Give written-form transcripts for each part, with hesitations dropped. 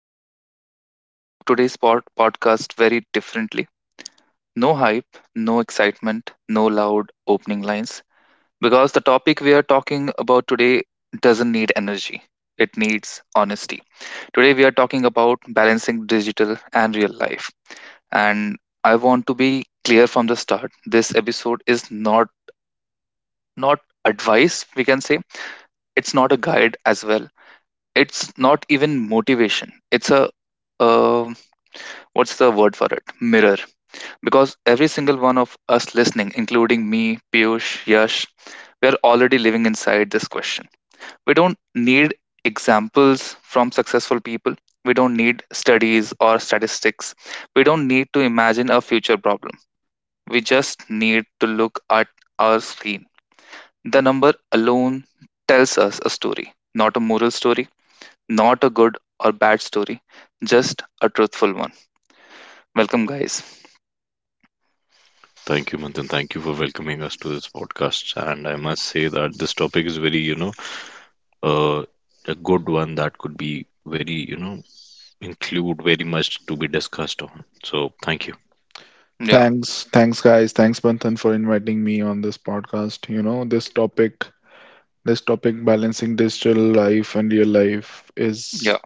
begin today's podcast very differently. No hype, no excitement, no loud opening lines because the topic we are talking about today doesn't need energy. It needs honesty. Today we are talking about balancing digital and real life. And I want to be clear from the start. This episode is not advice, we can say. It's not a guide as well. It's not even motivation. It's a um, what's the word for it? Mirror. Because every single one of us listening, including me, Piyush, Yash, we are already living inside this question. We don't need examples from successful people. We don't need studies or statistics. We don't need to imagine a future problem. We just need to look at our screen. The number alone tells us a story, not a moral story, not a good or bad story, just a truthful one. Welcome, guys. Thank you, Manthan. Thank you for welcoming us to this podcast. And I must say that this topic is very, you know, uh, a good one that could be very, you know, include very much to be discussed on. So thank you. Yeah, Thanks guys. Thanks Banthan for inviting me on this podcast. You know, this topic balancing digital life and real life yeah. is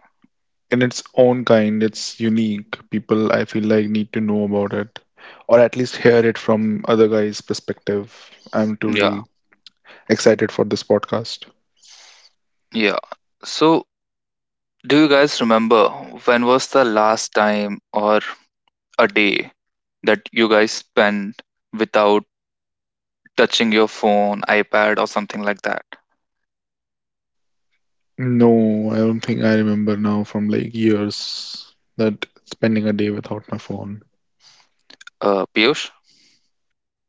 in its own kind, it's unique. People I feel like need to know about it or at least hear it from other guys' perspective. I'm Yeah, truly excited for this podcast. yeah. So, do you guys remember when was the last time, or a day that you guys spent without touching your phone, iPad, or something like that? No, I don't think I remember now from like years that spending a day without my phone. Piyush,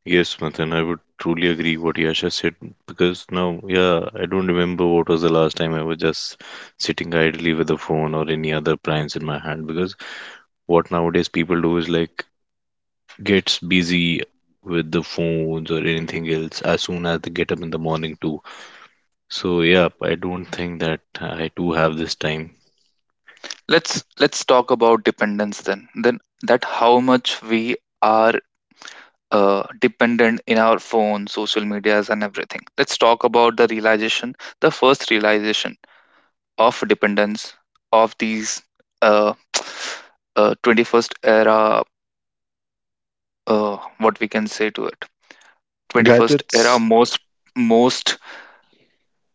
Yes, Manthan, I would truly agree what Yasha said because now, yeah, I don't remember what was the last time I was just sitting idly with a phone or any other appliance in my hand because what nowadays people do is like gets busy with the phones or anything else as soon as they get up in the morning too. So yeah, I don't think that I too have this time. let's talk about dependence then. Then that how much we are dependent in our phone, social medias, and everything. Let's talk about the realization, the first realization of dependence of these uh, 21st era, what we can say to it, 21st era Gadgets? most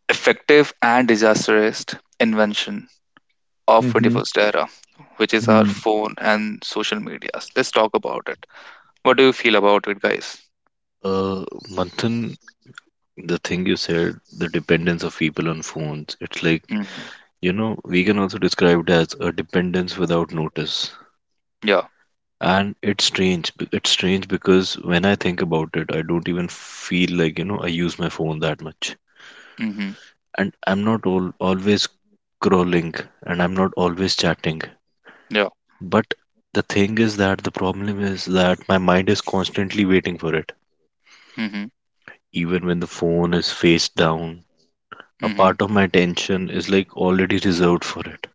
effective and disastrous invention of Mm-hmm. 21st era, which is our Mm-hmm. phone and social medias. Let's talk about it. What do you feel about it, guys? Uh, Manthan, the thing you said, the dependence of people on phones, it's like, Mm-hmm. you know, we can also describe it as a dependence without notice. Yeah. And it's strange. It's strange because when I think about it, I don't even feel like, you know, I use my phone that much. Mm-hmm. And I'm not always scrolling and I'm not always chatting. Yeah. But the thing is that the problem is that my mind is constantly waiting for it. Mm-hmm. Even when the phone is face down, a Mm-hmm. part of my attention is like already reserved for it.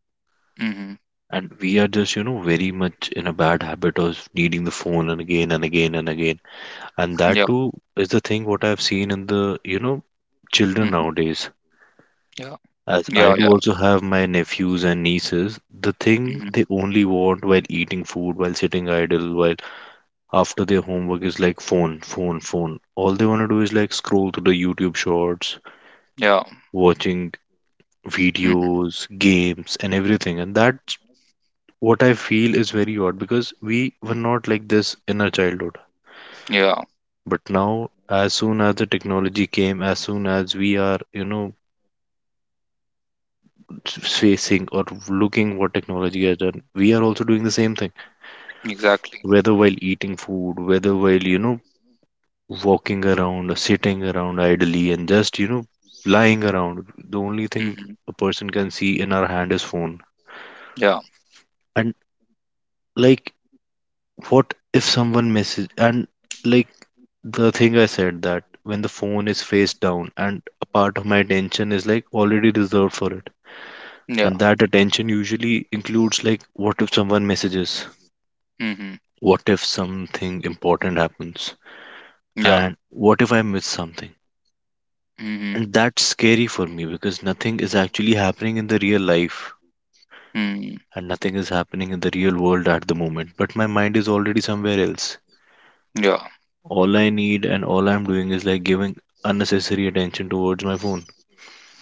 Mm-hmm. And we are just, you know, very much in a bad habit of needing the phone and again and again and again. And that Yeah. too is the thing what I've seen in the, you know, children Mm-hmm. nowadays. Yeah. As I Yeah. do Yeah. also have my nephews and nieces, the thing Mm-hmm. they only want while eating food, while sitting idle, while after their homework is like phone, phone, phone. All they want to do is like scroll through the YouTube shorts, Yeah. watching Mm-hmm. videos, games, and everything. And that's what I feel is very odd because we were not like this in our childhood. Yeah. But now, as soon as the technology came, as soon as we are, you know, facing or looking what technology has done, we are also doing the same thing. Exactly. Whether while eating food, whether while, you know, walking around, sitting around idly, and just, you know, lying around. The only thing Mm-hmm. a person can see in our hand is phone. Yeah. And like, what if someone misses? And like the thing I said that when the phone is face down and a part of my attention is like already reserved for it. Yeah. And that attention usually includes like, what if someone messages? Mm-hmm. What if something important happens? Yeah. And what if I miss something? Mm-hmm. And that's scary for me because nothing is actually happening in the real life Mm. and nothing is happening in the real world at the moment. But my mind is already somewhere else. Yeah. All I need and all I'm doing is like giving unnecessary attention towards my phone.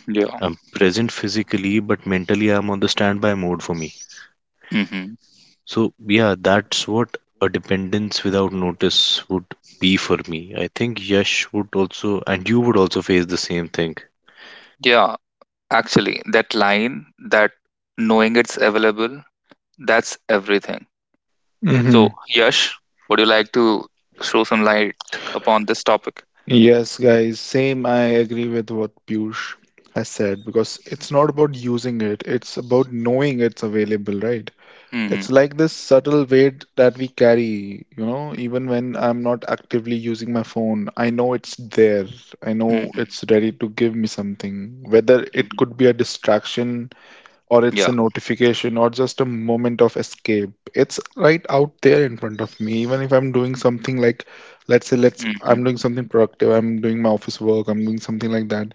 Yeah. I'm present physically, but mentally I'm on the standby mode for me. Hmm. So, yeah, that's what a dependence without notice would be for me. I think Yash would also, and you would also face the same thing. Yeah. Actually, that line, that knowing it's available, that's everything. Mm-hmm. So, Yash, would you like to throw some light upon this topic? Yes, guys, same. I agree with what Piyush has said because it's not about using it, it's about knowing it's available, right? Mm-hmm. It's like this subtle weight that we carry, you know, even when I'm not actively using my phone, I know it's there. I know Mm-hmm. it's ready to give me something, whether it Hmm. could be a distraction or it's Yeah. a notification or just a moment of escape. It's right out there in front of me, even if I'm doing something like, let's say let's Mm-hmm. I'm doing something productive, I'm doing my office work, I'm doing something like that.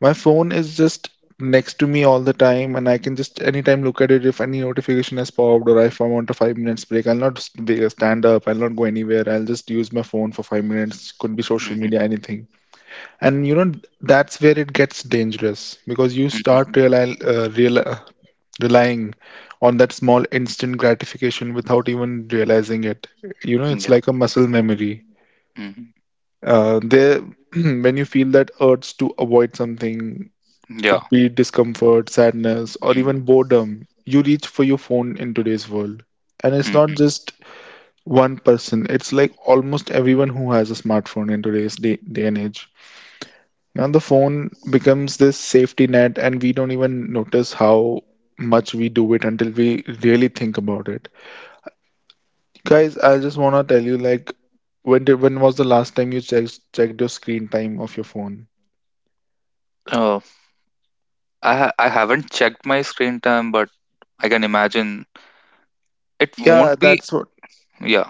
My phone is just next to me all the time, and I can just anytime look at it if any notification has popped, or if I want a 5 minutes break, I'll not stand up, I'll not go anywhere, I'll just use my phone for 5 minutes, could be social Mm-hmm. media, anything. And you know, that's where it gets dangerous, because you Hmm. start real relying on that small instant gratification without even realizing it. You know, it's Yeah. like a muscle memory. Hmm. Uh, there, when you feel that urge to avoid something, Yeah. could be discomfort, sadness, or Mm. even boredom, you reach for your phone in today's world. And it's not Hmm. just one person, it's like almost everyone who has a smartphone in today's day and age. Now, the phone becomes this safety net, and we don't even notice how much we do it until we really think about it. Guys, I just wanna tell you, like, when was the last time you checked your screen time of your phone? Oh, I haven't checked my screen time, but I can imagine it Yeah, won't be. that's what, Yeah.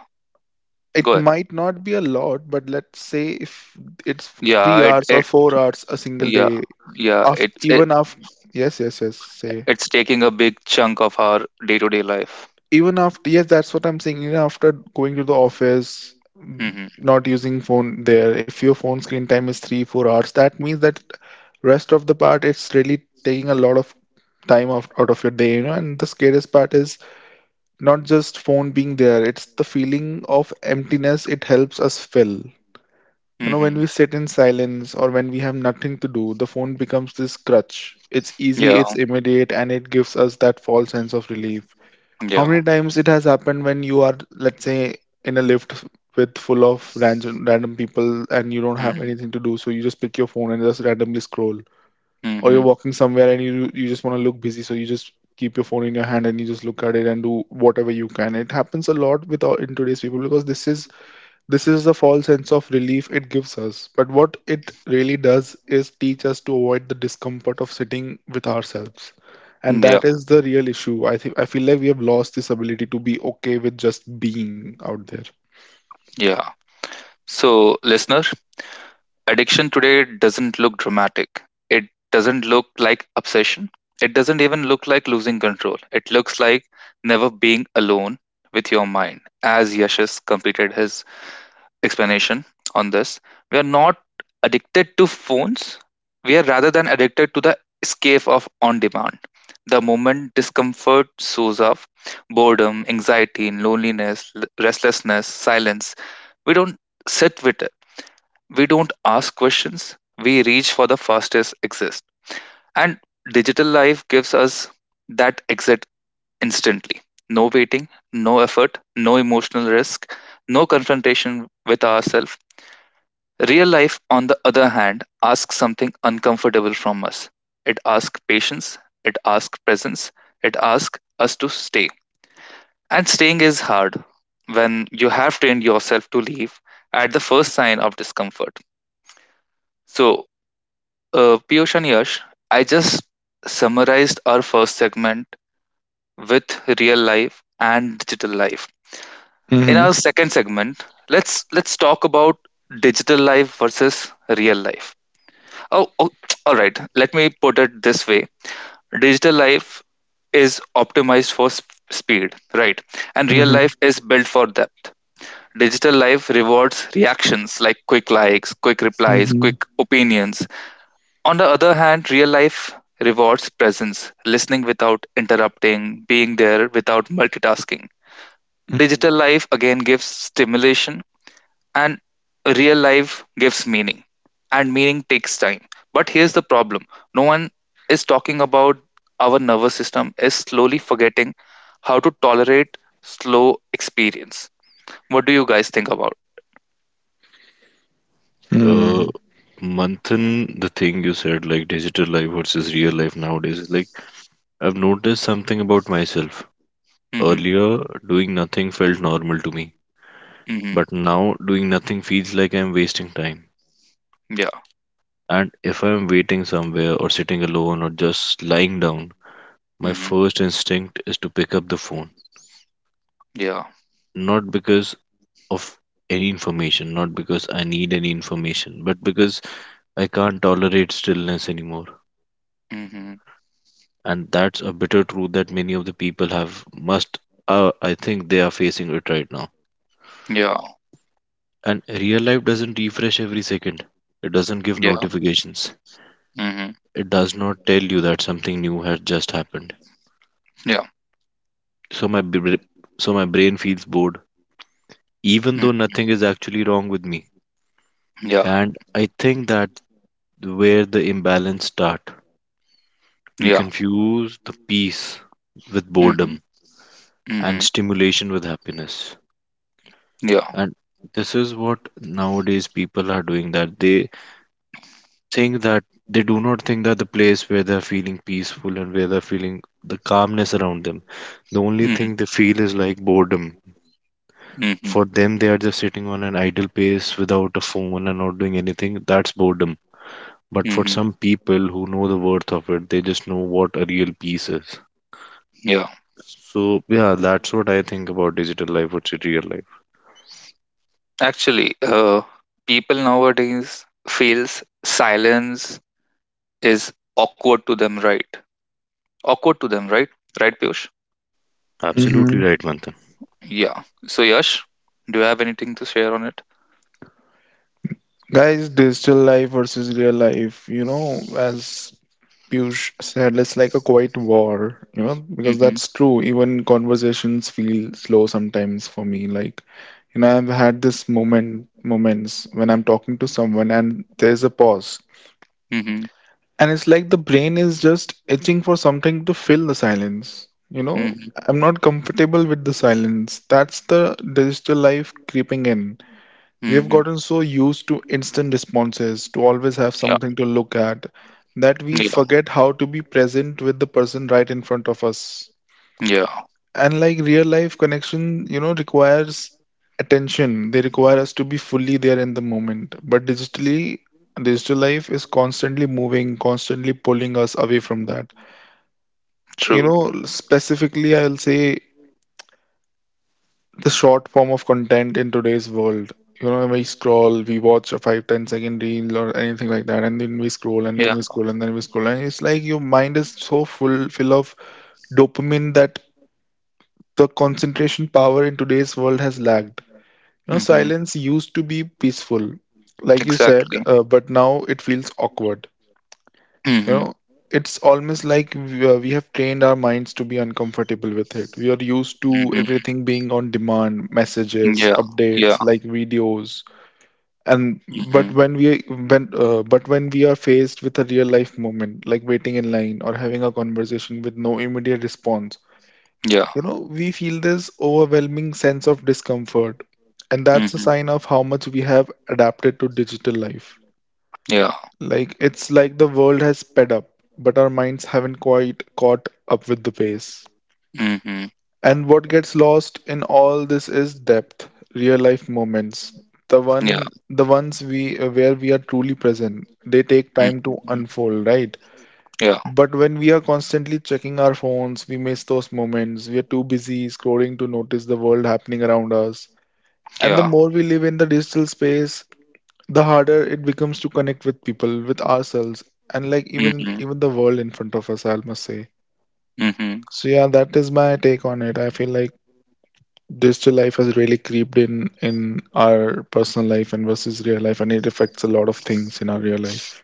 Go it ahead. might not be a lot, but let's say if it's Yeah. three It. hours or It. 4 hours a single Yeah. day. Yeah. After It's. It. even after yes, yes, yes, say It's taking a big chunk of our day-to-day life. Even after, yes, that's what I'm saying, even after going to the office, mm, Mm-hmm. not using phone there, if your phone screen time is 3 4 hours, that means that rest of the part, it's really taking a lot of time off, out of your day. You know, and the scariest part is not just phone being there, it's the feeling of emptiness it helps us fill. You know, when Mm-hmm. we sit in silence or when we have nothing to do, the phone becomes this crutch, it's easy, Yeah, it's immediate, and it gives us that false sense of relief. How many yeah. times it has happened when you are, let's say, in a lift with full of random people and you don't have Mhm. anything to do, so you just pick your phone and just randomly scroll. Or you're Mhm. walking somewhere and you just want to look busy, so you just keep your phone in your hand and you just look at it and do whatever you can. It happens a lot with our, in today's people, because this is the false sense of relief it gives us, but what it really does is teach us to avoid the discomfort of sitting with ourselves. And Yeah. that is the real issue. I think I feel like we have lost this ability to be okay with just being out there. Yeah. So, listener, addiction today doesn't look dramatic. It doesn't look like obsession. It doesn't even look like losing control. It looks like never being alone with your mind. As Yashas completed his explanation on this. We are not addicted to phones. We are rather than addicted to the escape of on demand. The moment discomfort shows up, boredom, anxiety, loneliness, restlessness, silence, we don't sit with it. We don't ask questions. We reach for the fastest exit. And digital life gives us that exit instantly. No waiting, no effort, no emotional risk, no confrontation with ourselves. Real life, on the other hand, asks something uncomfortable from us. It asks patience, it asks presence, it asks us to stay. And staying is hard when you have trained yourself to leave at the first sign of discomfort. So, Piyush and Yash, I just summarized our first segment with real life and digital life. In Mm-hmm. our second segment, let's talk about digital life versus real life. Oh, all right. Let me put it this way. Digital life is optimized for speed, right? And real Mm-hmm. life is built for depth. Digital life rewards reactions like quick likes, quick replies, Mm-hmm. quick opinions. On the other hand, real life rewards presence, listening without interrupting, being there without multitasking. Digital life again gives stimulation, and real life gives meaning. And meaning takes time. But here's the problem no one is talking about: our nervous system is slowly forgetting how to tolerate slow experience. What do you guys think about? uh Mm-hmm. Manthan, the thing you said, like digital life versus real life nowadays, like I've noticed something about myself. Mhm. Earlier, doing nothing felt normal to me, Mhm. but now doing nothing feels like I'm wasting time. Yeah. And if I'm waiting somewhere or sitting alone or just lying down, my Mhm. first instinct is to pick up the phone. Yeah. Not because of any information, not because I need any information, but because I can't tolerate stillness anymore. Mhm. And that's a bitter truth that many of the people have must I think they are facing it right now. Yeah. And real life doesn't refresh every second. It doesn't give Yeah. notifications. Mhm. It does not tell you that something new has just happened. Yeah. so my br- so my brain feels bored even Mm. though nothing is actually wrong with me. Yeah. And I think that where the imbalance start, we Yeah. confuse the peace with Mhm. boredom and Mhm. stimulation with happiness. Yeah. And this is what nowadays people are doing, that they think that they do not think that the place where they're feeling peaceful and where they're feeling the calmness around them, the only Mhm. thing they feel is like boredom. Mhm. For them, they are just sitting on an idle place without a phone and not doing anything, that's boredom. But for Mhm. some people who know the worth of it, they just know what a real peace is. Yeah. So yeah, that's what I think about digital life. What's your real life? Actually, uh people nowadays feels silence is awkward to them, right? Awkward to them, right? Right, Piyush? Absolutely Mm-hmm. right, Manthan. Yeah. So, Yash, do you have anything to share on it? Guys, digital life versus real life, you know, as Piyush said, it's like a quiet war, you know, because Mm-hmm. that's true. Even conversations feel slow sometimes for me. Like, you know, I've had moments when I'm talking to someone and there's a pause. Mm-hmm. And it's like the brain is just itching for something to fill the silence. You know, Mm-hmm. I'm not comfortable with the silence. That's the digital life creeping in. We have Mm-hmm. gotten so used to instant responses, to always have Yeah. something to look at, that we Yeah. forget how to be present with the person right in front of us. Yeah. And like real life connection, you know, requires attention. They require us to be fully there in the moment. But digital life is constantly moving, constantly pulling us away from that. You True. know, specifically, I'll say the short form of content in today's world. You know, we scroll, we watch a five, ten-second reel or anything like that, and then we scroll, and then Yeah. we scroll, and then we scroll. And it's like your mind is so full of dopamine that the concentration power in today's world has lagged. You know, Mm-hmm. silence used to be peaceful, like you said, Exactly. But now it feels awkward. You Mm-hmm. know, it's almost like we have trained our minds to be uncomfortable with it. We are used to Mm-hmm. everything being on demand, messages, Yeah. Yeah. updates, like videos. And but Mm-hmm. when we when but when we are faced with a real life moment, like waiting in line or having a conversation with no immediate response, Yeah. you know, we feel this overwhelming sense of discomfort. And that's a Mm-hmm. sign of how much we have adapted to digital life. Yeah. It's like the world has sped up, but our minds haven't quite caught up with the pace. Mm-hmm. And what gets lost in all this is depth, real life moments. The Yeah. one the ones we where we are truly present. They take time to Mm-hmm. unfold, right? Yeah. But when we are constantly checking our phones, we miss those moments. We are too busy scrolling to notice the world happening around us. And the Yeah. more we live in the digital space, the harder it becomes to connect with people, with ourselves, and like even Mm-hmm. even the world in front of us, I must say. Mm-hmm. So yeah, that is my take on it. I feel like digital life has really creeped in our personal life and versus real life, and it affects a lot of things in our real life.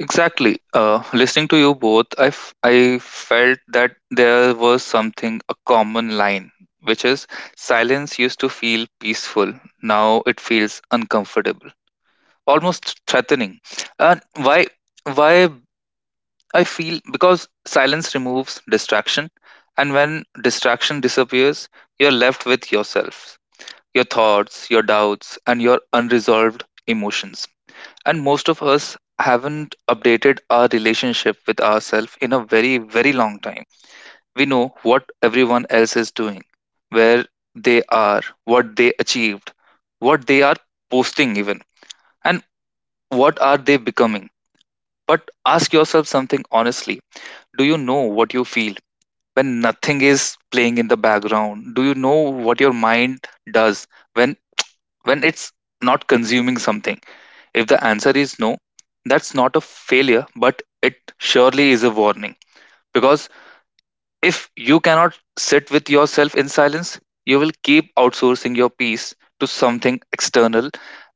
Exactly. Listening to you both, I felt that there was something, a common line, which is silence used to feel peaceful. Now it feels uncomfortable, almost threatening. And why? Why I feel because silence removes distraction, and when distraction disappears, you're left with yourself, your thoughts, your doubts, and your unresolved emotions. And most of us haven't updated our relationship with ourselves in a very, very long time. We know what everyone else is doing, where they are, what they achieved, what they are posting, even, and what are they becoming. But ask yourself something honestly: do you know what you feel? When nothing is playing in the background, do you know what your mind does when it's not consuming something? If the answer is no, that's not a failure, but it surely is a warning. Because if you cannot sit with yourself in silence, you will keep outsourcing your peace to something external,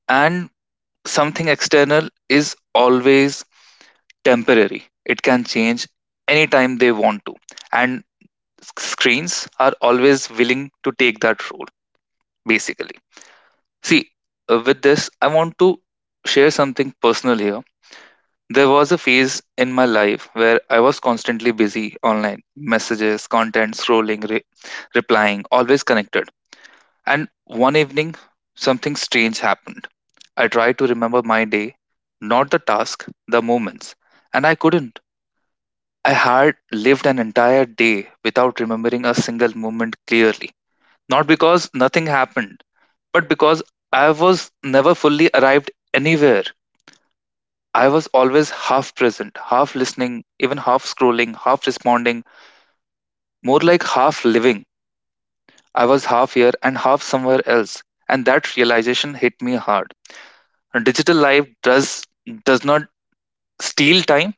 and something external is always temporary. It can change anytime they want to, and screens are always willing to take that role, basically. See, with this, I want to share something personal here. There was a phase in my life where I was constantly busy online, messages, content, scrolling, replying, always connected. And one evening, something strange happened. I tried to remember my day, not the task, the moments, and I couldn't. I had lived an entire day without remembering a single moment clearly. Not because nothing happened, but because I was never fully arrived anywhere. I was always half present, half listening, even half scrolling, half responding, more like half living. I was half here and half somewhere else, and that realization hit me hard. Digital life does not steal time.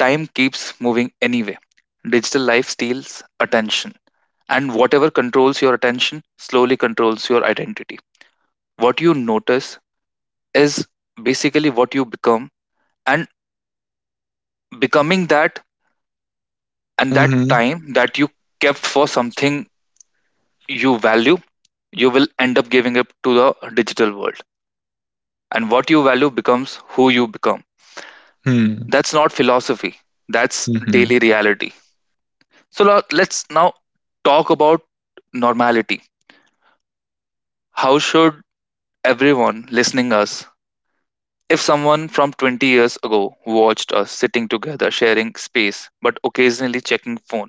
Time keeps moving anyway. Digital life steals attention, and whatever controls your attention slowly controls your identity. What you notice is basically what you become, and becoming that, and that Mm-hmm. time that you kept for something you value, you will end up giving up to the digital world. And what you value becomes who you become. Hmm. That's not philosophy, that's Mm-hmm. daily reality. So now let's now talk about normality. How should everyone listening us, if someone from 20 years ago watched us sitting together sharing space but occasionally checking phone,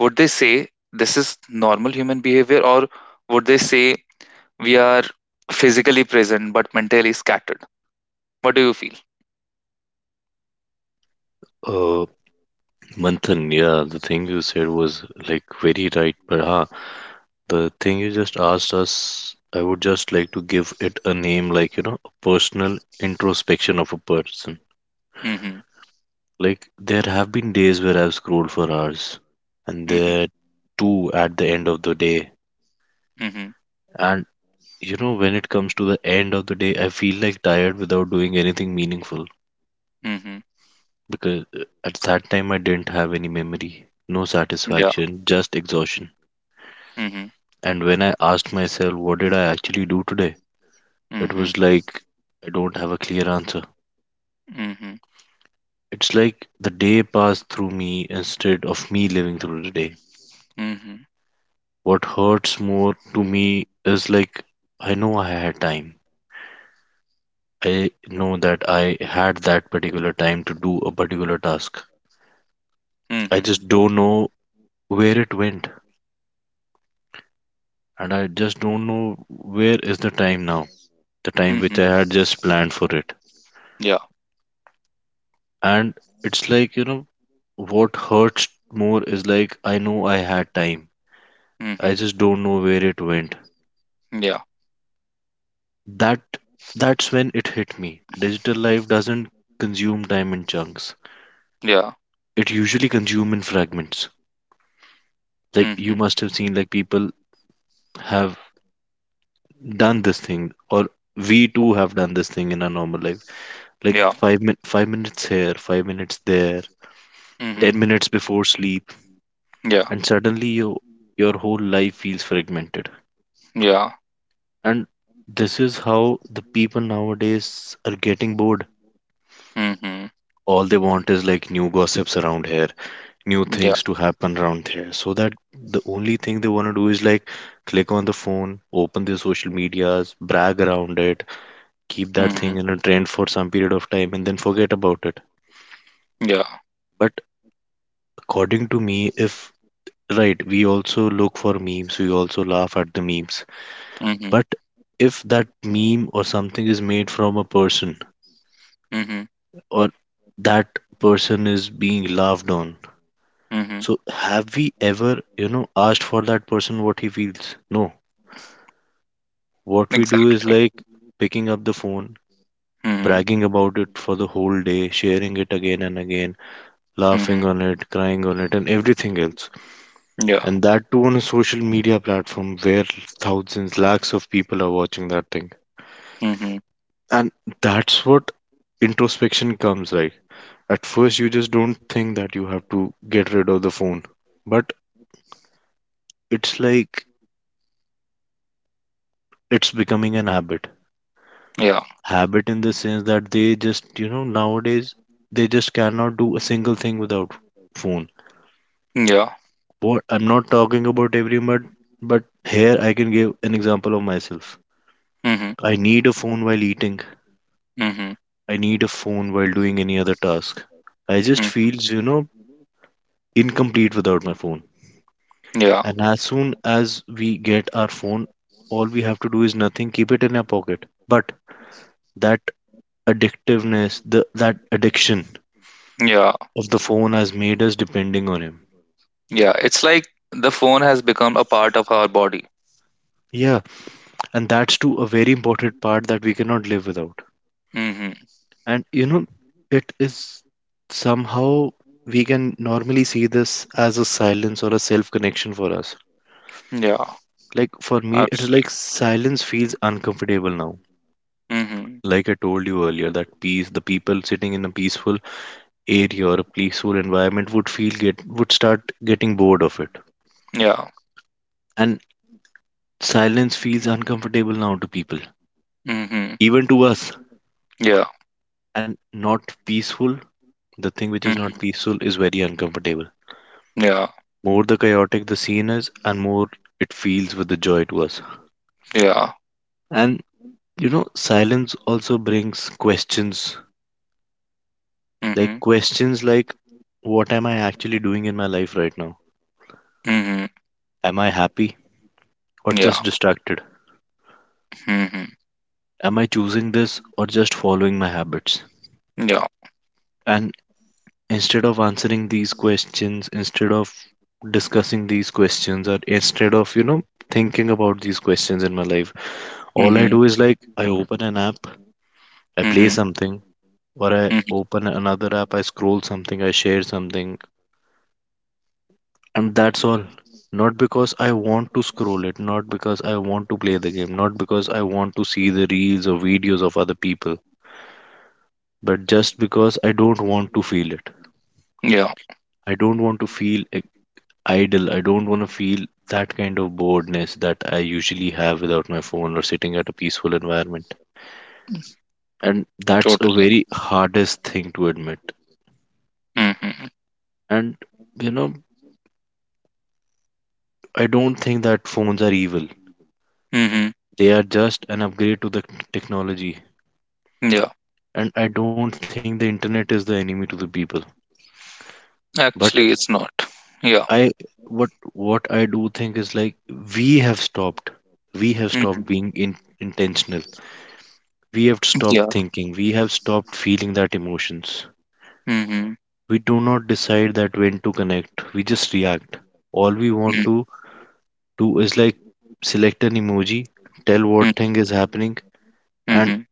would they say this is normal human behavior, or would they say we are physically present but mentally scattered? What do you feel? Uh, Manthan, yeah, the thing you said was like very right, but the thing you just asked us, I would just like to give it a name, like, you know, a personal introspection of a person. Mhm. Like, there have been days where I've scrolled for hours, and Mhm. there too at the end of the day. Mhm. And, you know, when it comes to the end of the day, I feel like tired without doing anything meaningful Mhm. because at that time I didn't have any memory, no Yeah. satisfaction, just exhaustion. Mhm. And when I asked myself, what did I actually do today? It Mhm. was like I don't have a clear answer. Mhm. It's like the day passed through me instead of me living through the day. Mhm. What hurts more to me is like I know I had time. I know that I had that particular time to do a particular task. I Mhm. just don't know where it went. And I just don't know where is the time now. The time which Mhm. I had just planned for it. Yeah. And it's like, you know, what hurts more is like I know I had time, I Mhm. just don't know where it went. Yeah. That that's when it hit me, digital life doesn't consume time in chunks, Yeah. it usually consumes in fragments. Like you Mhm. must have seen, like people have done this thing, or we too have done this thing in our normal life, like Yeah. 5 minutes here, 5 minutes there, Mhm. 10 minutes before sleep, Yeah. and suddenly your whole life feels fragmented. Yeah. And this is how the people nowadays are getting bored. Mhm. All they want is like new gossips around here, new Yeah. things to happen around here. So that the only thing they want to do is like click on the phone, open their social medias, brag around it, keep that Mhm. thing in a trend for some period of time, and then forget about it. Yeah. But according to me, if right, we also look for memes, we also laugh at the memes. Mhm. But if that meme or something is made from a person, Mhm. or that person is being laughed on. Mhm. So, have we ever, you know, asked for that person what he feels? No. What we do is Exactly. like picking up the phone, Mhm. bragging about it for the whole day, sharing it again and again, laughing Mhm. on it, crying on it, and everything else. Yeah. And that too on a social media platform where thousands, lakhs of people are watching that thing. Mhm. And that's what introspection comes like. At first, you just don't think that you have to get rid of the phone. But it's like it's becoming an Yeah. habit in the sense that they just, you know, nowadays they just cannot do a single thing without phone. Yeah. What I'm not talking about everyone, but here I can give an example of myself. Mhm. I need a phone while eating, Mhm. I need a phone while doing any other task, I just Mhm. feels, you know, incomplete without my phone. Yeah. And as soon as we get our phone, all we have to do is nothing, keep it in our pocket, but that addictiveness, the that addiction Yeah. of the phone has made us depending on him. Yeah. It's like the phone has become a part of our body. Yeah, and that's too a very important part that we cannot live without. Mhm. And you know, it is somehow we can normally see this as a silence or a self connection for us. Yeah. Like for me, it is like Absolutely. silence feels uncomfortable now. Mhm. Like I told you earlier, that peace, the people sitting in a peaceful area or a peaceful environment would feel get would start getting bored of it. Yeah. And silence feels uncomfortable now to people, Mhm. even to us. Yeah. And not peaceful. The thing which is Mhm. not peaceful is very uncomfortable. Yeah. More the chaotic the scene is, and more it feels with the joy to us. Yeah. And you know, silence also brings Mhm. questions like, what am I actually doing in my life right now? Mhm. Am I happy or Yeah. just distracted? Mhm. Am I choosing this or just following my habits? Yeah. And instead of answering these questions, instead of discussing these questions, or instead of, you know, thinking about these questions in my life, all I Mhm. do is like I open an app, I play Mhm. something, or I Mhm. open another app, I scroll something, I share something, and that's all. Not because I want to scroll it, not because I want to play the game, not because I want to see the reels or videos of other people, but just because I don't want to feel it. Yeah. I don't want to feel idle. I don't want to feel that kind of boredness that I usually have without my phone or sitting at a peaceful environment. And that's a Totally. very hardest thing to admit. Mhm. And you know, I don't think that phones are evil. Mhm. They are just an upgrade to the technology. Yeah. And I don't think the internet is the enemy to the people. But Actually, it's not. Yeah. I what I do think is like we have stopped. We have Mhm. stopped being in, intentional. We have Yeah. stopped thinking. We have stopped feeling that emotions. Mhm. We do not decide that when to connect, we just react. All we want Mhm. to do is like select an emoji, tell what Mhm. thing is happening, and Mhm.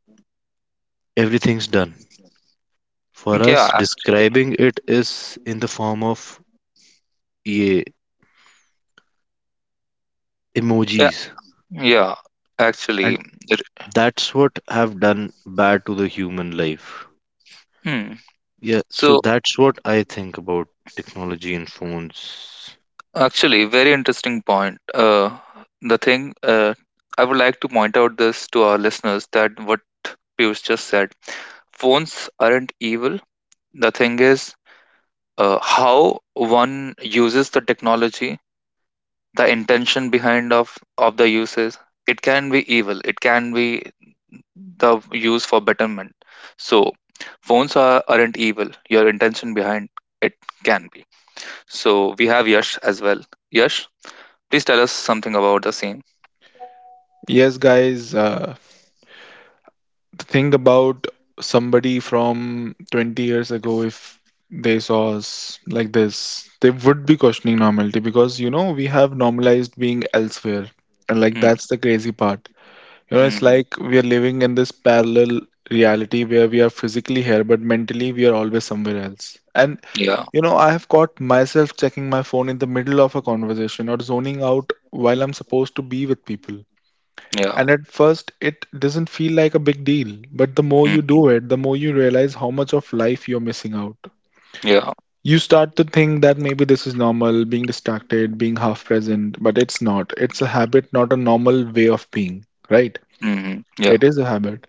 everything's done. For Yeah. us, Actually. describing it is in the form of yeah, Yeah. emojis, Yeah. Actually. and It. that's what have done bad to the human life. Hmm. Yeah, so So, that's what I think about technology and phones. actually, very interesting point. The thing I would like to point out this to our listeners that what Piyush just said, phones aren't evil. The thing is how one uses the technology, the intention behind of the uses. It can be evil. It can be the use for betterment. So phones aren't evil. Your intention behind it can be. So we have Yash as well. Yash, please tell us something about the same. Yes, guys. Think about somebody from 20 years ago. If they saw us like this, they would be questioning normality, because you know we have normalized being elsewhere, and like Mm. that's the crazy part. You know, it's Hmm. like we are living in this parallel reality where we are physically here, but mentally we are always somewhere else. And Yeah, you know, I have caught myself checking my phone in the middle of a conversation, or zoning out while I'm supposed to be with people. yeah. And at first, it doesn't feel like a big deal, but the more you do Hmm. it, the more you realize how much of life you're missing out. Yeah. You start to think that maybe this is normal, being distracted, being half present, but it's not. It's a habit, not a normal way of being, right? Hmm. Yeah. It is a habit.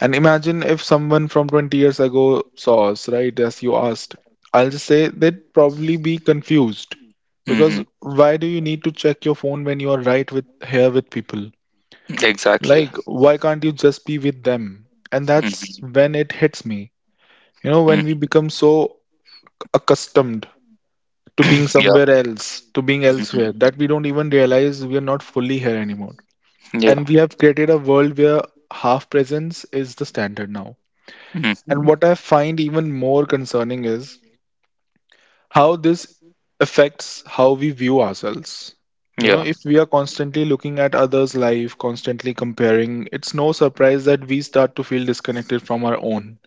And imagine if someone from 20 years ago saw us, right, as you asked. I'll just say they'd probably be confused, because Hmm. why do you need to check your phone when you are right with here with people? Exactly. Like, why can't you just be with them? And that's Hmm. when it hits me. You know, when we Hmm. become so accustomed to being Yeah. somewhere else, to being elsewhere, Hmm. that we don't even realize we are not fully here anymore. Yeah. And we have created a world where half presence is the standard now. And Hmm. what I find even more concerning is how this affects how we view ourselves. You know, Yeah. if we are constantly looking at others' life, constantly comparing, it's no surprise that we start to feel disconnected from our own.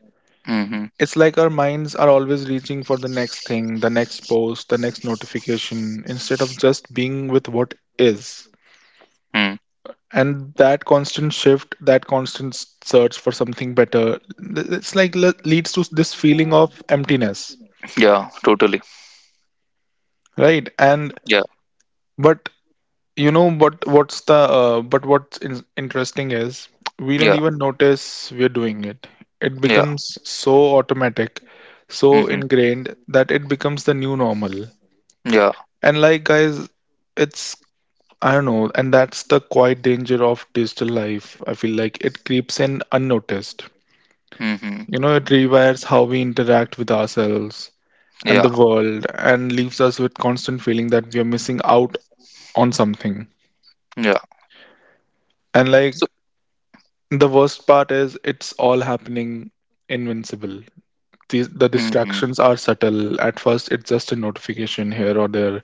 Hmm. It's like our minds are always reaching for the next thing, the next post, the next notification, instead of just being with what is. Mm. And that constant shift, that constant search for something better, it's like leads to this feeling of emptiness, Yeah, totally. right? And Yeah, but You know, what? What's the but what's in interesting is we yeah, don't even notice we're doing it. It yeah. becomes so automatic, so Hmm. ingrained that it becomes the new normal. Yeah. And like guys, it's, I don't know, and that's the quiet danger of digital life. I feel like it creeps in unnoticed. Hmm. You know, it rewires how we interact with ourselves and Yeah, the world, and leaves us with constant feeling that we are missing out on something. yeah. And So, like The worst part is it's all happening invincible. The hmm, distractions are subtle. At first, it's just a notification here or there,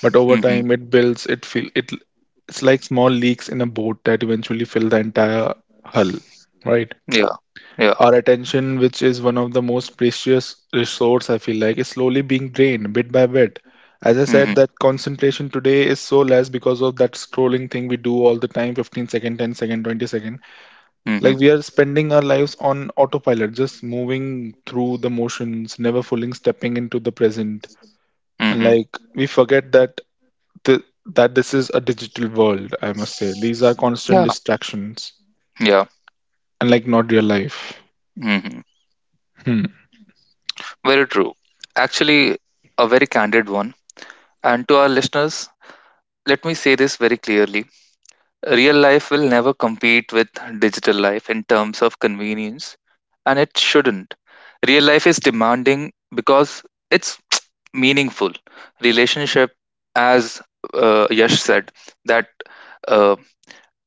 but over time, it builds. It feel it. It's like small leaks in a boat that eventually fill the entire hull, right? yeah, yeah. Our attention, which is one of the most precious resource, I feel like, is slowly being drained bit by bit. As Hmm. I Hmm. said, that concentration today is so less because of that scrolling thing we do all the time, 15 second, 10 second, 20 second. Hmm. Like we are spending our lives on autopilot, just moving through the motions, never fully stepping into the present. And like we forget that th- that this is a digital world, I must say. These are constant Yeah, distractions yeah. and like not real life. Hmm. Hmm. Very true. Actually, a very candid one. And to our listeners, let me say this very clearly: real life will never compete with digital life in terms of convenience, and it shouldn't. Real life is demanding because it's meaningful relationship, as Yash said, that uh,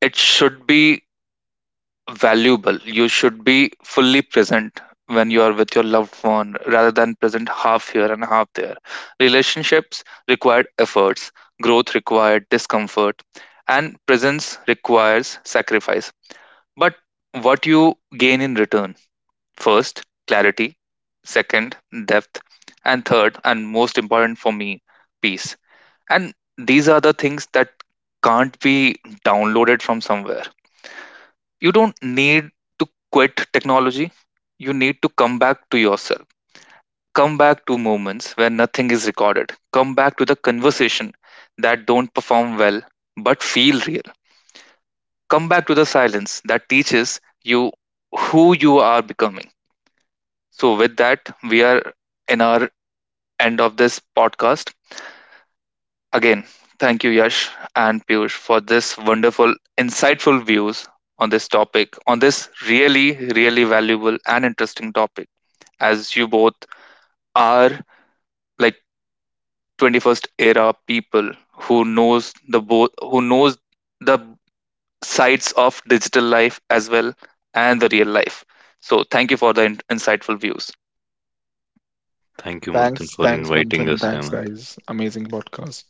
it should be valuable. You should be fully present when you are with your loved one rather than present half here and half there. Relationships require efforts, growth required discomfort, and presence requires sacrifice. But what you gain in return? First, clarity. Second, depth. And third, and most important for me, peace. And these are the things that can't be downloaded from somewhere. You don't need to quit technology. You need to come back to yourself. Come back to moments where nothing is recorded. Come back to the conversation that don't perform well but feel real. Come back to the silence that teaches you who you are becoming. So with that, we are in our end of this podcast. Again, thank you, Yash and Piyush, for this wonderful insightful views on this topic, on this really, really valuable and interesting topic, as you both are like 21st era people who knows the both, who knows the sides of digital life as well and the real life. So thank you for the insightful views. Thank you, Manthan, Thanks, for thanks, inviting Manthan. us here, Thanks, Manthan. guys. Amazing podcast.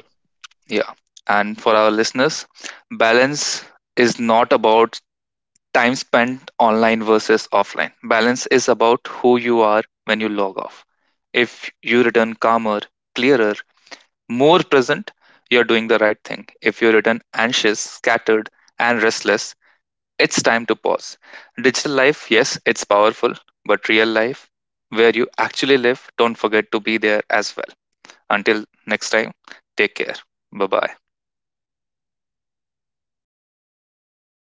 Yeah. And for our listeners, balance is not about time spent online versus offline. Balance is about who you are when you log off. If you return calmer, clearer, more present, you're doing the right thing. If you return anxious, scattered, and restless, it's time to pause. Digital life, yes, it's powerful, but real life, where you actually live, don't forget to be there as well. Until next time, take care. Bye bye.